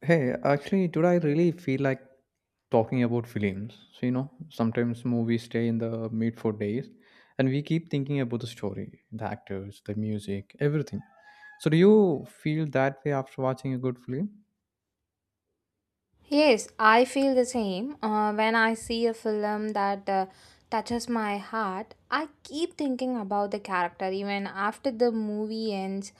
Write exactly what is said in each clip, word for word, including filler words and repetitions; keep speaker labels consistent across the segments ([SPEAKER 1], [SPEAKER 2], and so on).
[SPEAKER 1] Hey, actually, today I really feel like talking about films. So, you know, sometimes movies stay in the meat for days and we keep thinking about the story, the actors, the music, everything. So, do you feel that way after watching a good film?
[SPEAKER 2] Yes, I feel the same. Uh, when I see a film that uh, touches my heart, I keep thinking about the character even after the movie ends.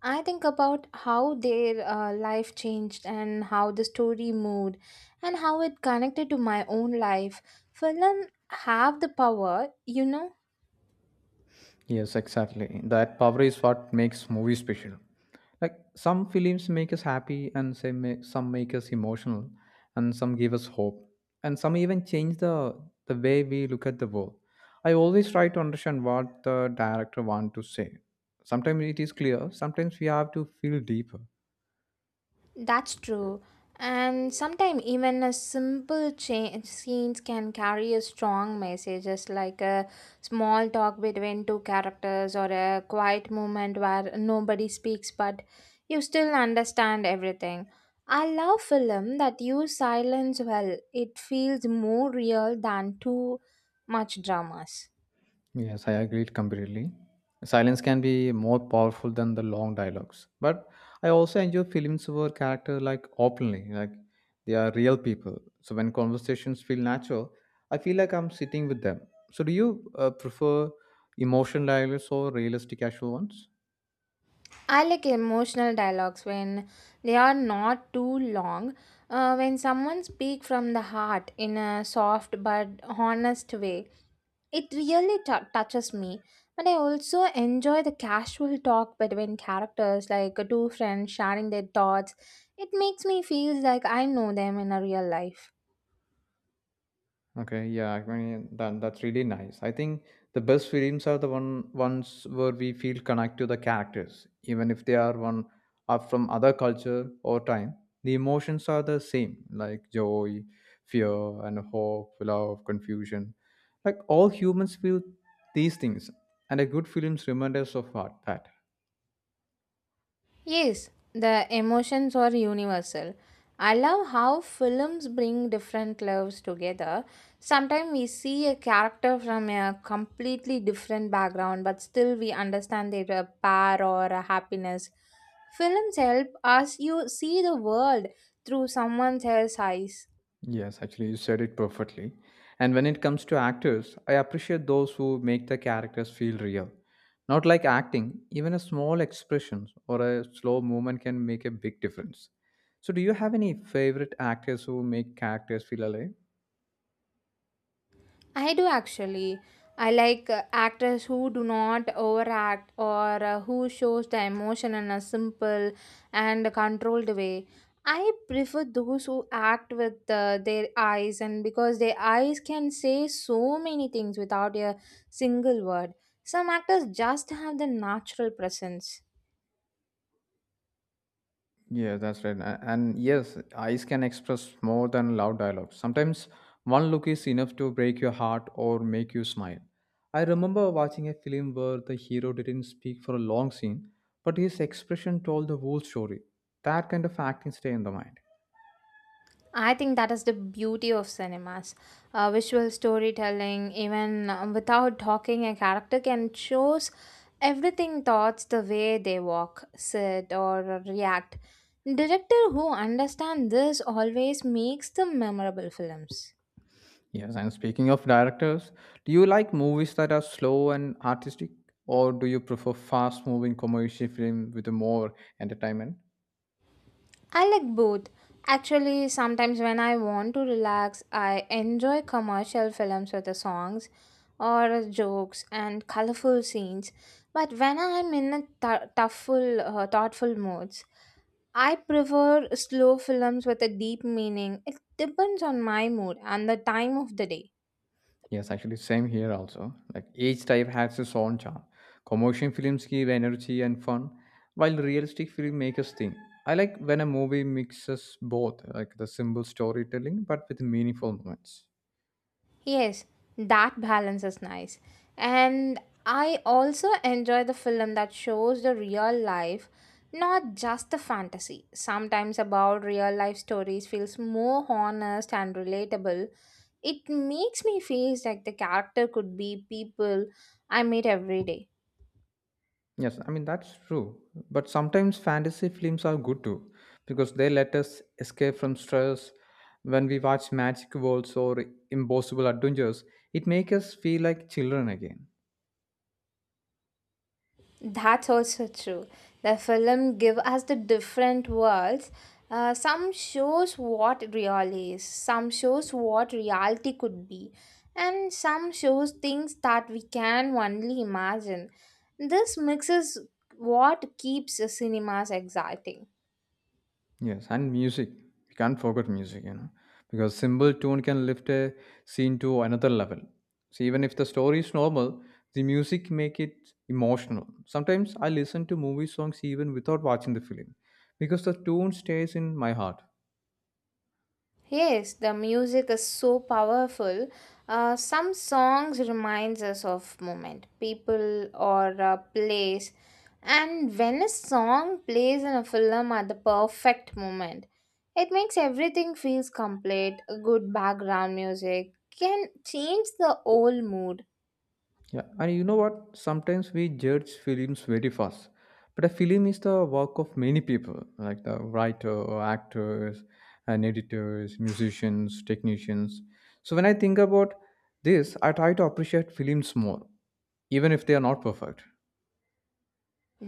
[SPEAKER 2] I think about how their uh, life changed and how the story moved and how it connected to my own life. Film have the power, you know,
[SPEAKER 1] Yes, exactly. That power is what makes movies special. Like some films make us happy, and some ma- some make us emotional, and some give us hope, and some even change the the way we look at the world. I always try to understand what the director want to say. Sometimes it is clear. Sometimes we have to feel deeper.
[SPEAKER 2] That's true. And sometimes even a simple change scenes can carry a strong messages like a small talk between two characters or a quiet moment where nobody speaks but you still understand everything. I love film that use silence well. It feels more real than too much dramas.
[SPEAKER 1] Yes, I agree completely. Silence can be more powerful than the long dialogues. But I also enjoy films where character like openly, like they are real people. So when conversations feel natural, I feel like I'm sitting with them. So do you uh, prefer emotional dialogues or realistic casual ones?
[SPEAKER 2] I like emotional dialogues when they are not too long. Uh, when someone speaks from the heart in a soft but honest way, it really tou- touches me. But I also enjoy the casual talk between characters, like two friends sharing their thoughts. It makes me feel like I know them in a real life.
[SPEAKER 1] Okay, yeah, I mean that that's really nice. I think the best films are the one ones where we feel connect to the characters, even if they are one are from other culture or time. The emotions are the same, like joy, fear, and hope, love, confusion. Like all humans feel these things, and a good films remind us of what- that.
[SPEAKER 2] Yes, the emotions are universal. I love how films bring different loves together. Sometimes we see a character from a completely different background, but still we understand their uh, power or uh, happiness. Films help us you see the world through someone else's eyes.
[SPEAKER 1] Yes, actually, you said it perfectly. And when it comes to actors, I appreciate those who make the characters feel real. Not like acting, even a small expression or a slow movement can make a big difference. So, do you have any favorite actors who make characters feel alive?
[SPEAKER 2] I do actually. I like uh, actors who do not overact or uh, who shows the emotion in a simple and controlled way. I prefer those who act with uh, their eyes and because their eyes can say so many things without a single word. Some actors just have the natural presence.
[SPEAKER 1] Yeah, that's right. A- And yes, eyes can express more than loud dialogue. Sometimes one look is enough to break your heart or make you smile. I remember watching a film where the hero didn't speak for a long scene, but his expression told the whole story. That kind of acting stay in the mind.
[SPEAKER 2] I think that is the beauty of cinemas. Uh, visual storytelling, even uh, without talking, a character can shows everything thoughts the way they walk, sit, or react. Director who understand this always makes the memorable films.
[SPEAKER 1] Yes, and speaking of directors, do you like movies that are slow and artistic, or do you prefer fast-moving commercial film with more entertainment?
[SPEAKER 2] I like both. Actually, sometimes when I want to relax, I enjoy commercial films with the songs or jokes and colorful scenes. But when I'm in a th- toughful, uh, thoughtful moods, I prefer slow films with a deep meaning. It depends on my mood and the time of the day.
[SPEAKER 1] Yes, actually, same here also. Like each type has its own charm. Commercial films give energy and fun, while realistic filmmakers think. I like when a movie mixes both, like the simple storytelling but with meaningful moments.
[SPEAKER 2] Yes, that balance is nice. And I also enjoy the film that shows the real life, not just the fantasy. Sometimes about real life stories feels more honest and relatable. It makes me feel like the character could be people I meet every day.
[SPEAKER 1] Yes, I mean that's true. But sometimes fantasy films are good too, because they let us escape from stress. When we watch magic worlds or impossible adventures, it makes us feel like children again.
[SPEAKER 2] That's also true. The film give us the different worlds. Uh, some shows what real is, some shows what reality could be, and some shows things that we can only imagine. This mixes what keeps the cinemas exciting.
[SPEAKER 1] Yes, and music. We can't forget music, you know, because simple tune can lift a scene to another level. So even if the story is normal, the music make it emotional. Sometimes I listen to movie songs even without watching the film, because the tune stays in my heart.
[SPEAKER 2] Yes, the music is so powerful. Uh, some songs reminds us of moment, people, or a place. And when a song plays in a film at the perfect moment, it makes everything feels complete. A good background music can change the whole mood.
[SPEAKER 1] Yeah, and you know what? Sometimes we judge films very fast, but a film is the work of many people, like the writer, actors, and editors, musicians, technicians. So when I think about this, I try to appreciate films more, even if they are not perfect.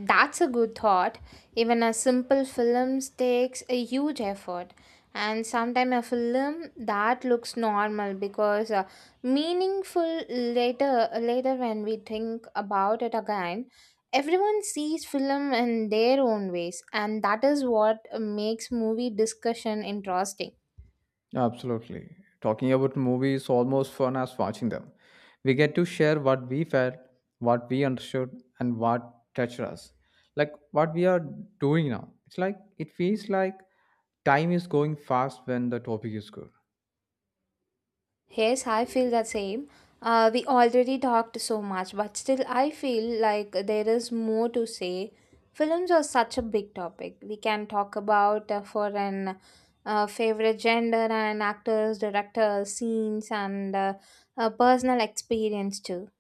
[SPEAKER 2] That's a good thought. Even a simple film takes a huge effort. And sometimes a film that looks normal because uh, meaningful later later when we think about it again, everyone sees film in their own ways, and that is what makes movie discussion interesting.
[SPEAKER 1] Absolutely. Talking about movies is almost fun as watching them. We get to share what we felt, what we understood, and what touched us. Like what we are doing now. It's like it feels like time is going fast when the topic is good.
[SPEAKER 2] Yes, I feel the same. Uh, we already talked so much, but still, I feel like there is more to say. Films are such a big topic. We can talk about uh, for an uh, favorite gender and actors, directors, scenes, and uh, uh, personal experience too.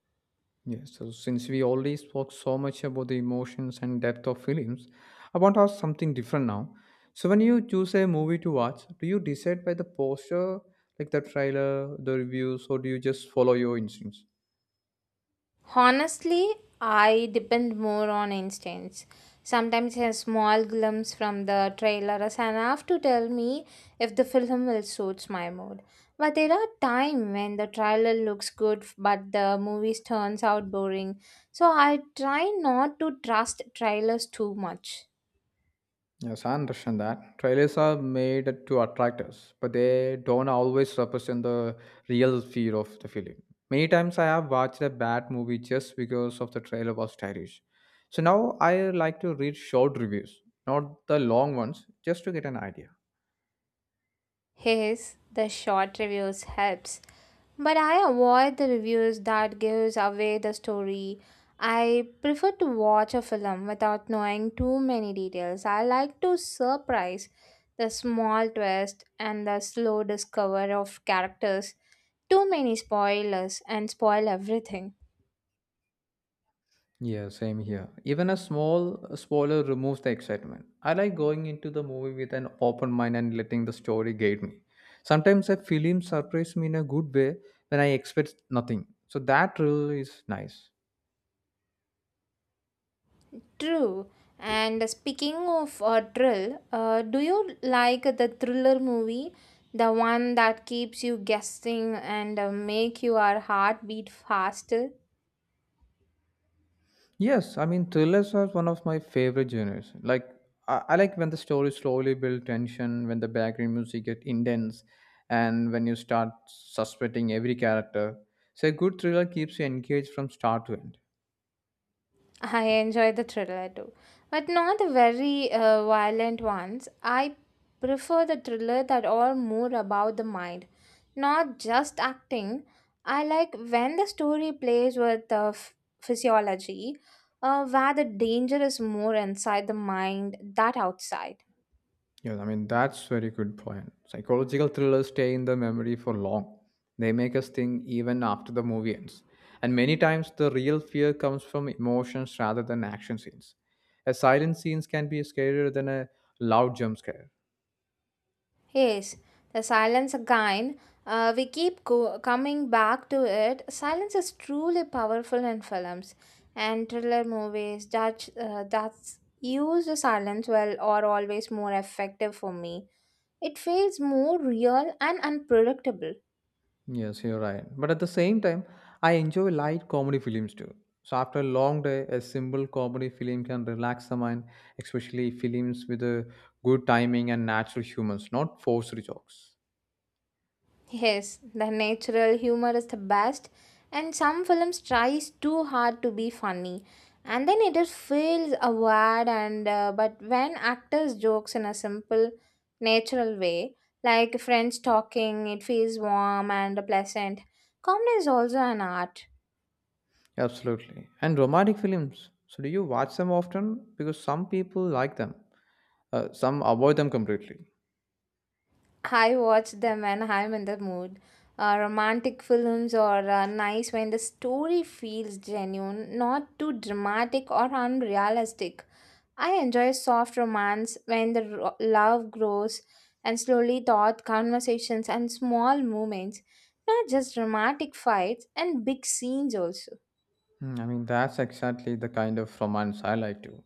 [SPEAKER 1] Yes, so since we already spoke so much about the emotions and depth of films, I want to ask something different now. So when you choose a movie to watch, do you decide by the poster, like the trailer, the reviews, or do you just follow your instincts?
[SPEAKER 2] Honestly, I depend more on instincts. Sometimes a small glimpse from the trailer is enough to tell me if the film will suits my mood. But there are times when the trailer looks good but the movie turns out boring. So I try not to trust trailers too much.
[SPEAKER 1] Yes, I understand that. Trailers are made to attract us, but they don't always represent the real fear of the film. Many times I have watched a bad movie just because of the trailer was stylish. So now I like to read short reviews, not the long ones, just to get an idea.
[SPEAKER 2] His the short reviews helps, but I avoid the reviews that gives away the story. I prefer to watch a film without knowing too many details. I like to surprise the small twist and the slow discover of characters. Too many spoilers and spoil everything.
[SPEAKER 1] Yeah, same here. Even a small spoiler removes the excitement. I like going into the movie with an open mind and letting the story guide me. Sometimes a film surprises me in a good way when I expect nothing. So that really is nice.
[SPEAKER 2] True. And speaking of uh, thrill, uh, do you like the thriller movie, the one that keeps you guessing and uh, make your heart beat faster?
[SPEAKER 1] Yes, I mean thrillers are one of my favorite genres. Like I, I like when the story slowly builds tension, when the background music gets intense, and when you start suspecting every character. So a good thriller keeps you engaged from start to end.
[SPEAKER 2] I enjoy the thriller too, but not the very uh, violent ones. I prefer the thriller that are more about the mind, not just acting. I like when the story plays with the f- physiology, uh, where the danger is more inside the mind that outside.
[SPEAKER 1] Yes, I mean that's very good point. Psychological thrillers stay in the memory for long. They make us think even after the movie ends. And many times the real fear comes from emotions rather than action scenes. A silent scenes can be scarier than a loud jump scare.
[SPEAKER 2] Yes, the silence again. Uh, we keep go- coming back to it. Silence is truly powerful in films and thriller movies. That uh, that's use the silence well or always more effective for me. It feels more real and unpredictable.
[SPEAKER 1] Yes, you're right. But at the same time, I enjoy light comedy films too. So after a long day, a simple comedy film can relax the mind, especially films with a good timing and natural humors, not forced jokes.
[SPEAKER 2] Yes, the natural humor is the best, and some films tries too hard to be funny, and then it just feels awkward. And uh, but when actors jokes in a simple, natural way, like friends talking, it feels warm and pleasant. Comedy is also an art.
[SPEAKER 1] Absolutely. And romantic films. So do you watch them often? Because some people like them, uh, some avoid them completely.
[SPEAKER 2] I watch them when I'm in the mood. Uh, romantic films are uh, nice when the story feels genuine, not too dramatic or unrealistic. I enjoy soft romance when the ro- love grows and slowly taught conversations and small moments, not just dramatic fights and big scenes also.
[SPEAKER 1] Hmm, I mean, that's exactly the kind of romance I like to.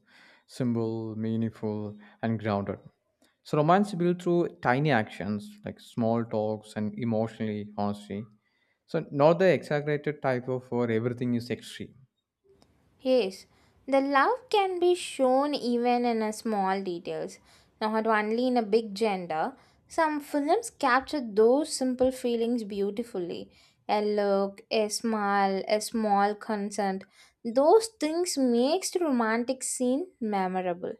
[SPEAKER 1] Simple, meaningful, and grounded. So romance built through tiny actions like small talks and emotionally honesty. So not the exaggerated type of where everything is extreme.
[SPEAKER 2] Yes, the love can be shown even in a small details, not only in a big gender. Some films capture those simple feelings beautifully. A look, a smile, a small consent. Those things makes the romantic scene memorable.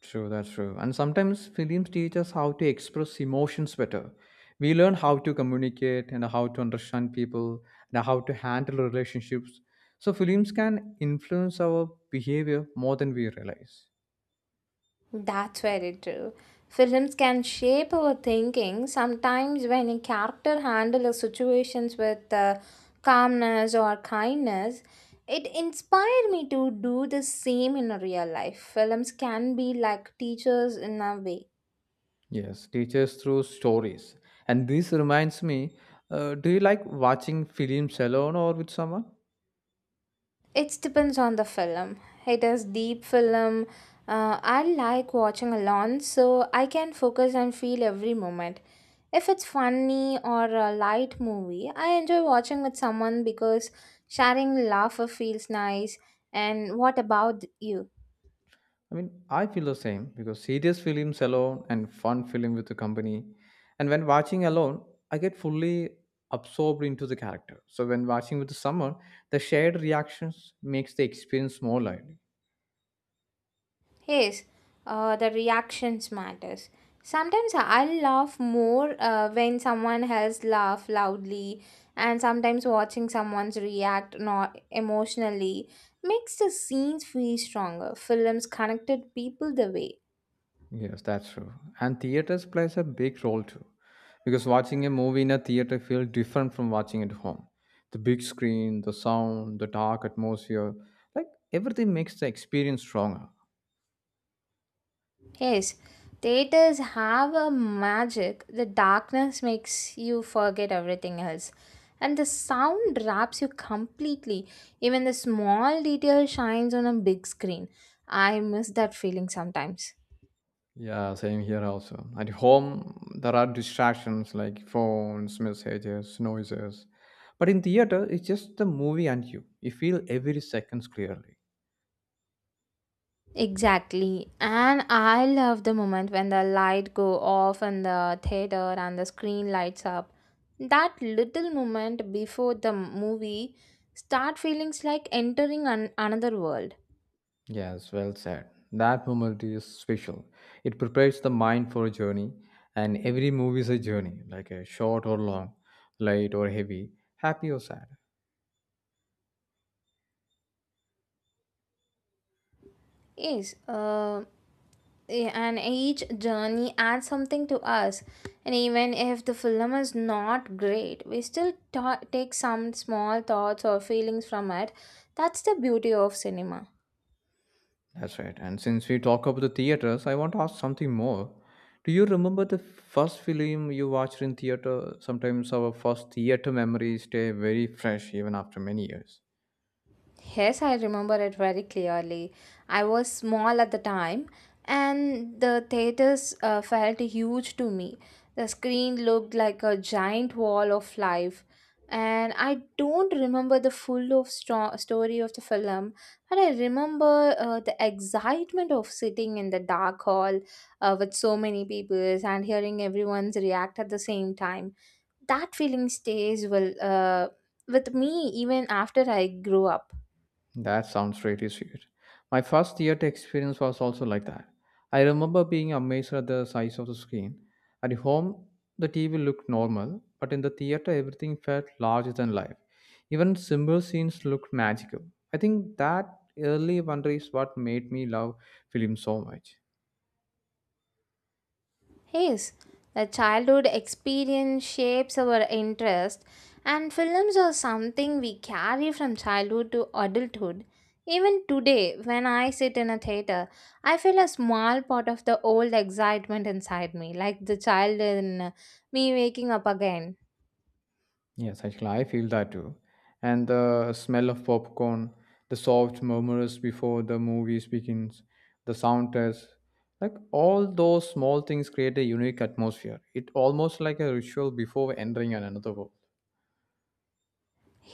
[SPEAKER 1] True, that's true. And sometimes films teach us how to express emotions better. We learn how to communicate and how to understand people and how to handle relationships. So, films can influence our behavior more than we realize.
[SPEAKER 2] That's very true. Films can shape our thinking. Sometimes, when a character handles situations with uh, calmness or kindness, it inspired me to do the same in real life. Films can be like teachers in a way.
[SPEAKER 1] Yes, teachers through stories. And this reminds me uh, do you like watching films alone or with someone?
[SPEAKER 2] It depends on the film. It is deep film. Uh, I like watching alone, so I can focus and feel every moment. If it's funny or a light movie, I enjoy watching with someone because sharing laughter feels nice. And what about you?
[SPEAKER 1] I mean, I feel the same because serious films alone and fun film with the company. And when watching alone, I get fully absorbed into the character. So when watching with someone, the shared reactions makes the experience more lively.
[SPEAKER 2] Yes, uh, the reactions matters. Sometimes I laugh more uh, when someone else laugh loudly, and sometimes watching someone's react not emotionally makes the scenes feel stronger. Films connected people the way.
[SPEAKER 1] Yes, that's true. And theaters plays a big role too. Because watching a movie in a theater feels different from watching at home. The big screen, the sound, the dark atmosphere, like everything makes the experience stronger.
[SPEAKER 2] Yes, theaters have a magic. The darkness makes you forget everything else. And the sound wraps you completely. Even the small detail shines on a big screen. I miss that feeling sometimes.
[SPEAKER 1] Yeah, same here also. At home, there are distractions like phones, messages, noises. But in theater, it's just the movie and you. You feel every seconds clearly.
[SPEAKER 2] Exactly. And I love the moment when the light go off in the theater and the screen lights up. That little moment before the movie start feelings like entering an- another world.
[SPEAKER 1] Yes, well said. That moment is special. It prepares the mind for a journey, and every movie is a journey, like a short or long, light or heavy, happy or sad.
[SPEAKER 2] Yes, uh. eh, and each journey adds something to us and even if the film is not great we still ta- take some small thoughts or feelings from it that's the beauty of cinema.
[SPEAKER 1] That's right. And since we talk about the theaters, I want to ask something more. Do you remember the first film you watched in theater? Sometimes our first theater memories stay very fresh even after many years.
[SPEAKER 2] Yes, I remember it very clearly. I was small at the time, and the theaters uh, felt huge to me. The screen looked like a giant wall of life, and I don't remember the full of sto- story of the film, but I remember uh, the excitement of sitting in the dark hall uh, with so many people and hearing everyone's react at the same time. That feeling stays well uh, with me even after I grew up.
[SPEAKER 1] That sounds pretty sweet. My first theater experience was also like that. I remember being amazed at the size of the screen. At home, the T V looked normal, but in the theater, everything felt larger than life. Even simple scenes looked magical. I think that early wonder is what made me love film so much.
[SPEAKER 2] Yes, the childhood experience shapes our interest, and films are something we carry from childhood to adulthood. Even today, when I sit in a theater, I feel a small part of the old excitement inside me, like the child in me waking up again.
[SPEAKER 1] Yes, actually, I feel that too. And the smell of popcorn, the soft murmurs before the movie begins, the sound test, like all those small things create a unique atmosphere. It almost like a ritual before entering an another world.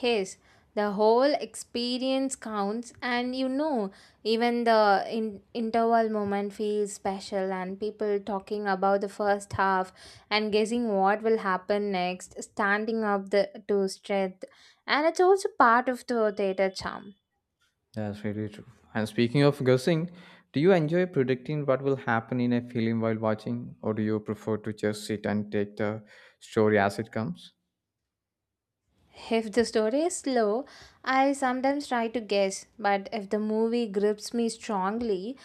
[SPEAKER 2] Yes, the whole experience counts, and you know, even the in- interval moment feels special, and people talking about the first half and guessing what will happen next, standing up the to strength, and it's also part of the theater charm.
[SPEAKER 1] That's really true. And speaking of guessing, do you enjoy predicting what will happen in a film while watching, or do you prefer to just sit and take the story as it comes?
[SPEAKER 2] If the story is slow, I sometimes try to guess, but if the movie grips me strongly,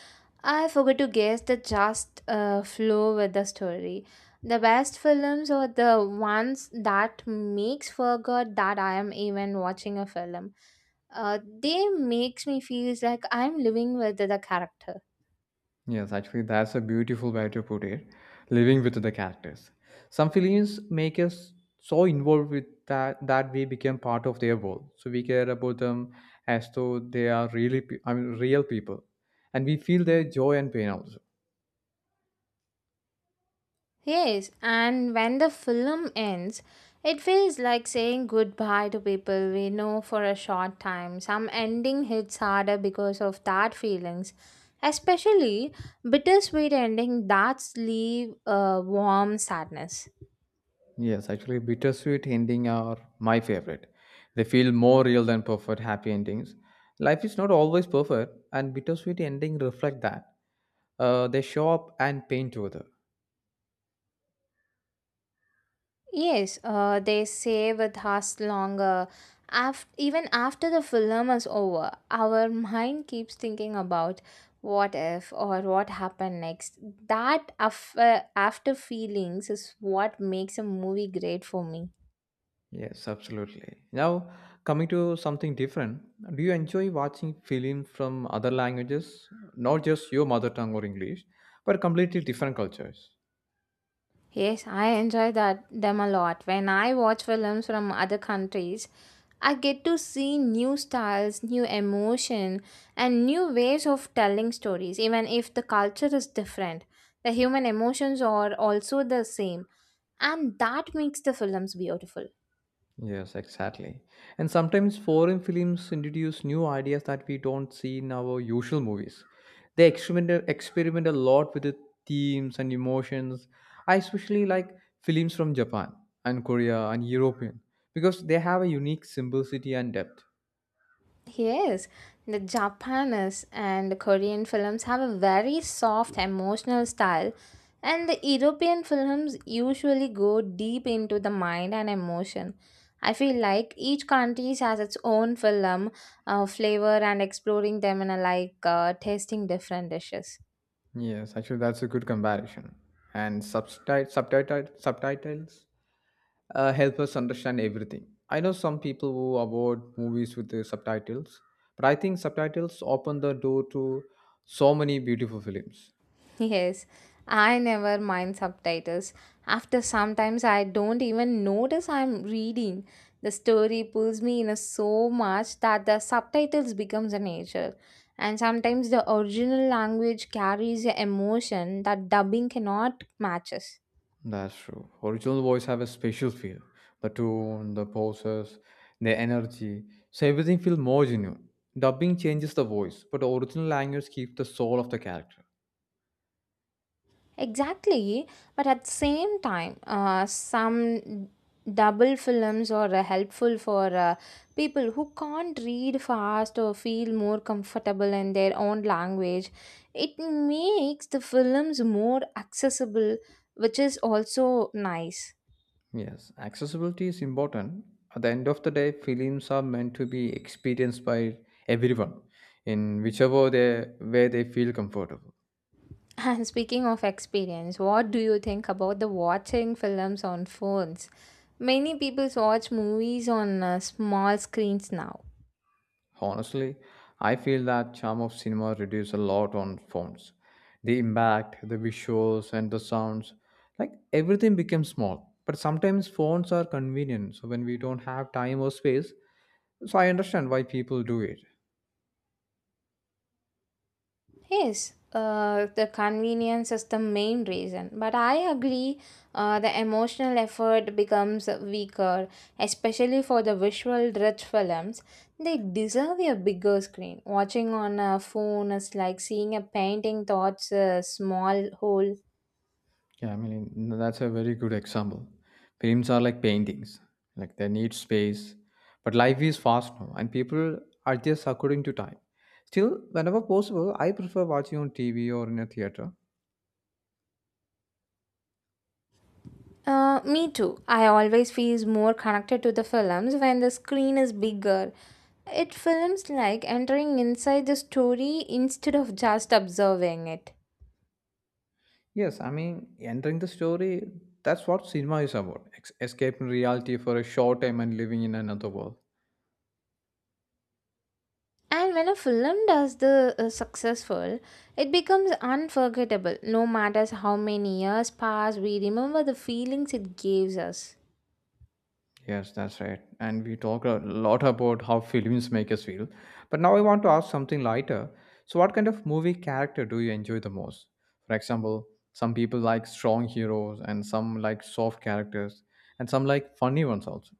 [SPEAKER 2] I forgot to guess the just uh, flow with the story. The best films are the ones that makes forgot that I am even watching a film. Uh, they makes me feels like I'm living with the character.
[SPEAKER 1] Yes, actually, that's a beautiful way to put it. Living with the characters. Some films make us so involved with that that we become part of their world. So we care about them as though they are really, pe- I mean, real people, and we feel their joy and pain also.
[SPEAKER 2] Yes, and when the film ends, it feels like saying goodbye to people we know for a short time. Some ending hits harder because of that feelings, especially bittersweet ending that leave a warm sadness.
[SPEAKER 1] Yes, actually, bittersweet ending are my favorite. They feel more real than perfect happy endings. Life is not always perfect, and bittersweet ending reflect that. Uh, they show up and pain together.
[SPEAKER 2] Yes, uh, they say with us longer. Af- even after the film is over, our mind keeps thinking about what if or what happened next. That af- uh, after feelings is what makes a movie great for me.
[SPEAKER 1] Yes, absolutely. Now, coming to something different, do you enjoy watching films from other languages, not just your mother tongue or English, but completely different cultures?
[SPEAKER 2] Yes, I enjoy that them a lot. When I watch films from other countries, I get to see new styles, new emotion, and new ways of telling stories. Even if the culture is different, the human emotions are also the same, and that makes the films beautiful.
[SPEAKER 1] Yes, exactly. And sometimes foreign films introduce new ideas that we don't see in our usual movies. They experiment experiment a lot with the themes and emotions. I especially like films from Japan and Korea and European because they have a unique simplicity and depth.
[SPEAKER 2] Yes, the Japanese and Korean films have a very soft emotional style, and the European films usually go deep into the mind and emotion. I feel like each country has its own film uh, flavor and exploring them in a like uh, tasting different dishes.
[SPEAKER 1] Yes, actually, that's a good comparison. And subtitle, subtitle, subtitles uh, help us understand everything. I know some people who avoid movies with the subtitles, but I think subtitles open the door to so many beautiful films.
[SPEAKER 2] Yes, I never mind subtitles. After sometimes I don't even notice I'm reading. The story pulls me in so much that the subtitles becomes a nature. And sometimes the original language carries a emotion that dubbing cannot matches.
[SPEAKER 1] That's true. Original voice have a special feel. The tone, the poses, the energy. So everything feels more genuine. Dubbing changes the voice, but the original language keeps the soul of the character.
[SPEAKER 2] Exactly, but at the same time, uh, some double films are uh, helpful for uh, people who can't read fast or feel more comfortable in their own language. It makes the films more accessible, which is also nice.
[SPEAKER 1] Yes, accessibility is important. At the end of the day, films are meant to be experienced by everyone in whichever they way they feel comfortable.
[SPEAKER 2] And speaking of experience, what do you think about the watching films on phones? Many people watch movies on uh, small screens now.
[SPEAKER 1] Honestly, I feel that charm of cinema reduces a lot on phones. The impact, the visuals and the sounds, like everything becomes small. But sometimes phones are convenient, so when we don't have time or space, so I understand why people do it.
[SPEAKER 2] Yes, uh, the convenience is the main reason. But I agree, uh, the emotional effort becomes weaker, especially for the visual rich films. They deserve a bigger screen. Watching on a phone is like seeing a painting thoughts a small hole.
[SPEAKER 1] Yeah, I mean, n- that's a very good example. Films are like paintings, like they need space. But life is fast now, and people are just according to time. Still, whenever possible, I prefer watching on T V or in a theater.
[SPEAKER 2] Uh, me too. I always feel more connected to the films when the screen is bigger. It feels like entering inside the story instead of just observing it.
[SPEAKER 1] Yes, I mean, entering the story, that's what cinema is about ex- escaping reality for a short time and living in another world.
[SPEAKER 2] And when a film does the uh, successful, it becomes unforgettable. No matters how many years pass, we remember the feelings it gives us.
[SPEAKER 1] Yes, that's right. And we talk a lot about how films make us feel. But now I want to ask something lighter. So, what kind of movie character do you enjoy the most? For example, some people like strong heroes, and some like soft characters, and some like funny ones also.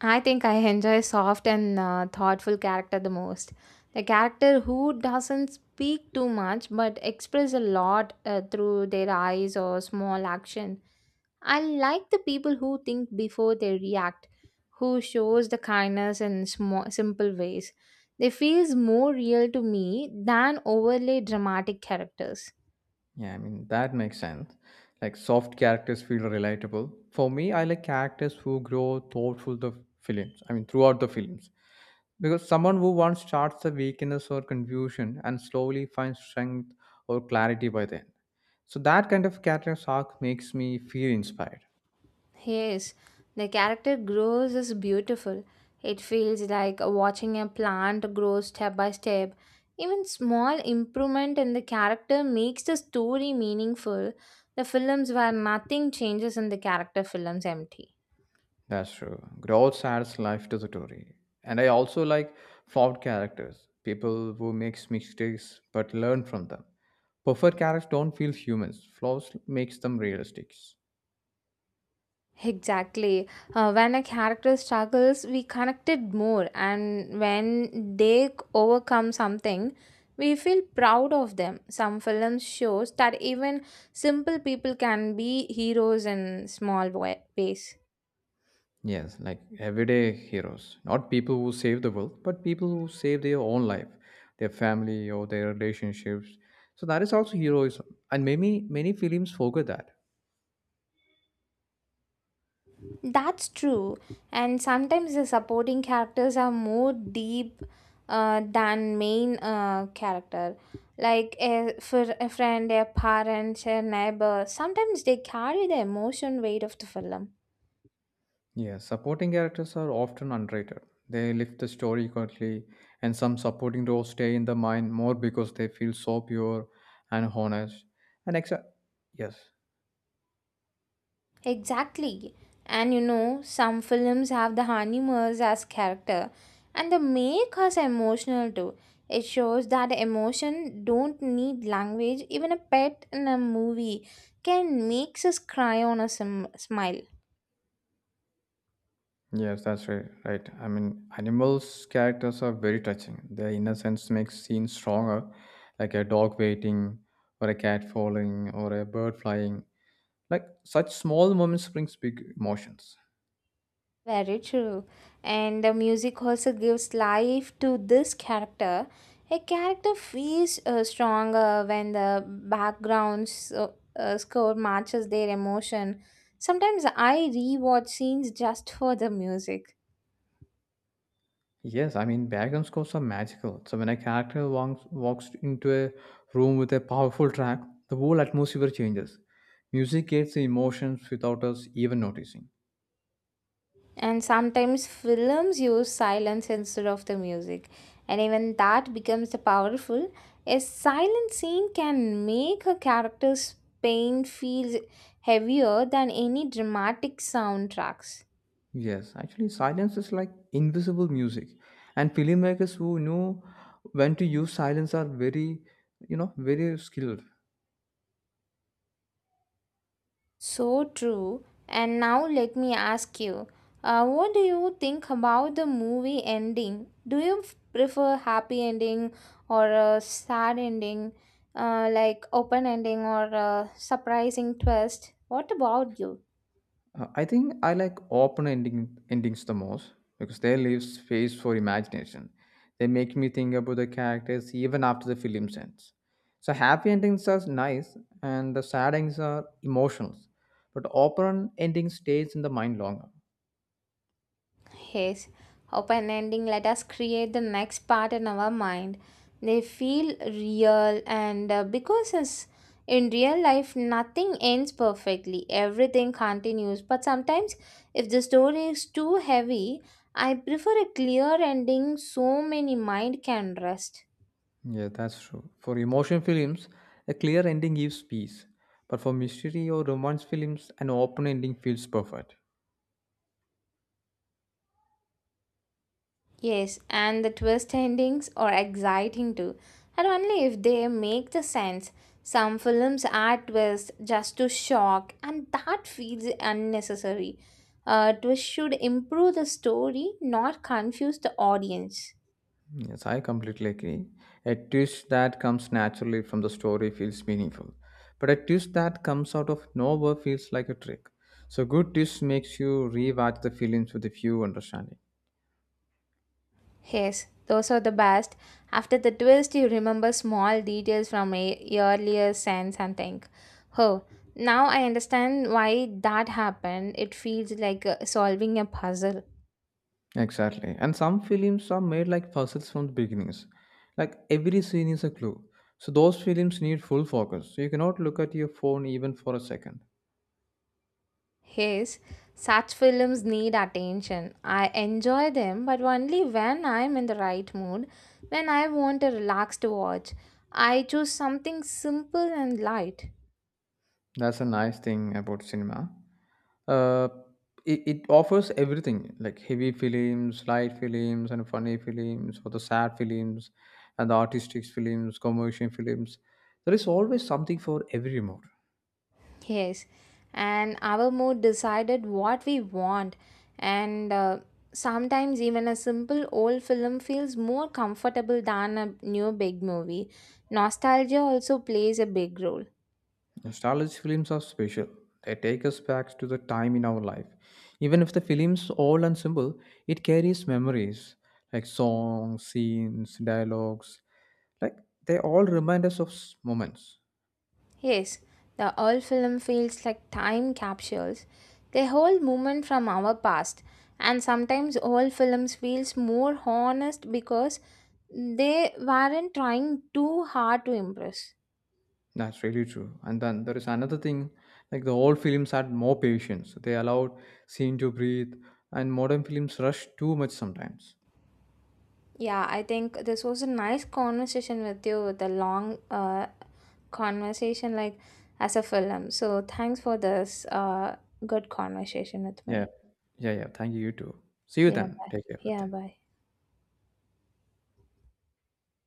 [SPEAKER 2] I think I enjoy soft and uh, thoughtful character the most. The character who doesn't speak too much but express a lot uh, through their eyes or small action. I like the people who think before they react, who shows the kindness in small, simple ways. They feels more real to me than overly dramatic characters.
[SPEAKER 1] Yeah, I mean, that makes sense. Like, soft characters feel relatable. For me, I like characters who grow thoughtful the films. I mean, throughout the films. Because someone who once starts a weakness or confusion and slowly finds strength or clarity by then. So that kind of character arc makes me feel inspired.
[SPEAKER 2] Yes, the character grows is beautiful. It feels like watching a plant grow step by step. Even small improvement in the character makes the story meaningful. The films where nothing changes in the character films empty.
[SPEAKER 1] That's true. Growth adds life to the story. And I also like flawed characters, people who makes mistakes but learn from them. Perfect characters don't feel humans. Flaws makes them realistic.
[SPEAKER 2] Exactly. Uh, when a character struggles, we connected more, and when they c- overcome something, we feel proud of them. Some films shows that even simple people can be heroes in small wa- ways.
[SPEAKER 1] Yes, like everyday heroes, not people who save the world, but people who save their own life, their family or their relationships. So that is also heroism, and many many films forget that.
[SPEAKER 2] That's true. And sometimes the supporting characters are more deep uh, than main uh, character. Like a, for a friend, a parent, a neighbor. Sometimes they carry the emotion weight of the film.
[SPEAKER 1] Yes, supporting characters are often underrated. They lift the story quickly, and some supporting roles stay in the mind more because they feel so pure and honest. And exa- yes.
[SPEAKER 2] Exactly. And you know, some films have the honeymooners as character and they make us emotional too. It shows that emotion don't need language. Even a pet in a movie can makes us cry on a sim- smile.
[SPEAKER 1] Yes, that's right. Right. I mean, animals' characters are very touching. Their innocence makes scenes stronger, like a dog waiting, or a cat falling, or a bird flying. Like such small moments brings big emotions.
[SPEAKER 2] Very true. And the music also gives life to this character. A character feels uh, stronger when the background so, uh, uh, score matches their emotion. Sometimes I rewatch scenes just for the music.
[SPEAKER 1] Yes, I mean background scores are magical. So when a character walks, walks into a room with a powerful track, the whole atmosphere changes. Music gets the emotions without us even noticing.
[SPEAKER 2] And sometimes films use silence instead of the music. And even that becomes the powerful. A silent scene can make a character's pain feel heavier than any dramatic soundtracks.
[SPEAKER 1] Yes, actually, silence is like invisible music, and filmmakers who know when to use silence are very, you know, very skilled.
[SPEAKER 2] So true. And now let me ask you, uh, what do you think about the movie ending? Do you f- prefer happy ending or a sad ending, uh, like open ending or a surprising twist? What about you?
[SPEAKER 1] Uh, I think I like open ending endings the most because they leave space for imagination. They make me think about the characters even after the film ends. So happy endings are nice, and the sad endings are emotional, but open ending stays in the mind longer.
[SPEAKER 2] Yes, open ending. Let us create the next part in our mind. They feel real, and uh, because it's, in real life, nothing ends perfectly, everything continues. But sometimes, if the story is too heavy, I prefer a clear ending so many mind can rest.
[SPEAKER 1] Yeah, that's true. For emotion films, a clear ending gives peace. But for mystery or romance films, an open ending feels perfect.
[SPEAKER 2] Yes, and the twist endings are exciting too, and only if they make the sense. Some films add twists just to shock, and that feels unnecessary. A twist should improve the story, not confuse the audience.
[SPEAKER 1] Yes, I completely agree. A twist that comes naturally from the story feels meaningful. But a twist that comes out of nowhere feels like a trick. So good twist makes you rewatch the films with a few understanding.
[SPEAKER 2] Yes, those are the best. After the twist, you remember small details from a earlier scenes and think, oh, now I understand why that happened. It feels like uh, solving a puzzle.
[SPEAKER 1] Exactly. And some films are made like puzzles from the beginnings. Like every scene is a clue. So those films need full focus. So you cannot look at your phone even for a second.
[SPEAKER 2] Yes, such films need attention. I enjoy them, but only when I am in the right mood, when I want a relaxed watch. I choose something simple and light.
[SPEAKER 1] That's a nice thing about cinema. Uh, it, it offers everything like heavy films, light films, and funny films, or the sad films, and the artistic films, commercial films. There is always something for every mood.
[SPEAKER 2] Yes, and our mood decided what we want, and uh, sometimes even a simple old film feels more comfortable than a new big movie. Nostalgia also plays a big role.
[SPEAKER 1] Nostalgic films are special. They take us back to the time in our life. Even if the film's old and simple, it carries memories like songs, scenes, dialogues. Like they all remind us of s- moments.
[SPEAKER 2] Yes, the old film feels like time capsules. They hold moment from our past, and sometimes old films feels more honest because they weren't trying too hard to impress.
[SPEAKER 1] That's really true. And then there is another thing like the old films had more patience. They allowed scene to breathe, and modern films rush too much sometimes.
[SPEAKER 2] Yeah, I think this was a nice conversation with you with a long uh, conversation like as a film. So thanks for this uh, good conversation with
[SPEAKER 1] Yeah.
[SPEAKER 2] me.
[SPEAKER 1] Yeah, yeah. Thank you, you too. See you
[SPEAKER 2] Yeah,
[SPEAKER 1] then.
[SPEAKER 2] bye.
[SPEAKER 1] Take care. But
[SPEAKER 2] Yeah,
[SPEAKER 1] then.
[SPEAKER 2] bye.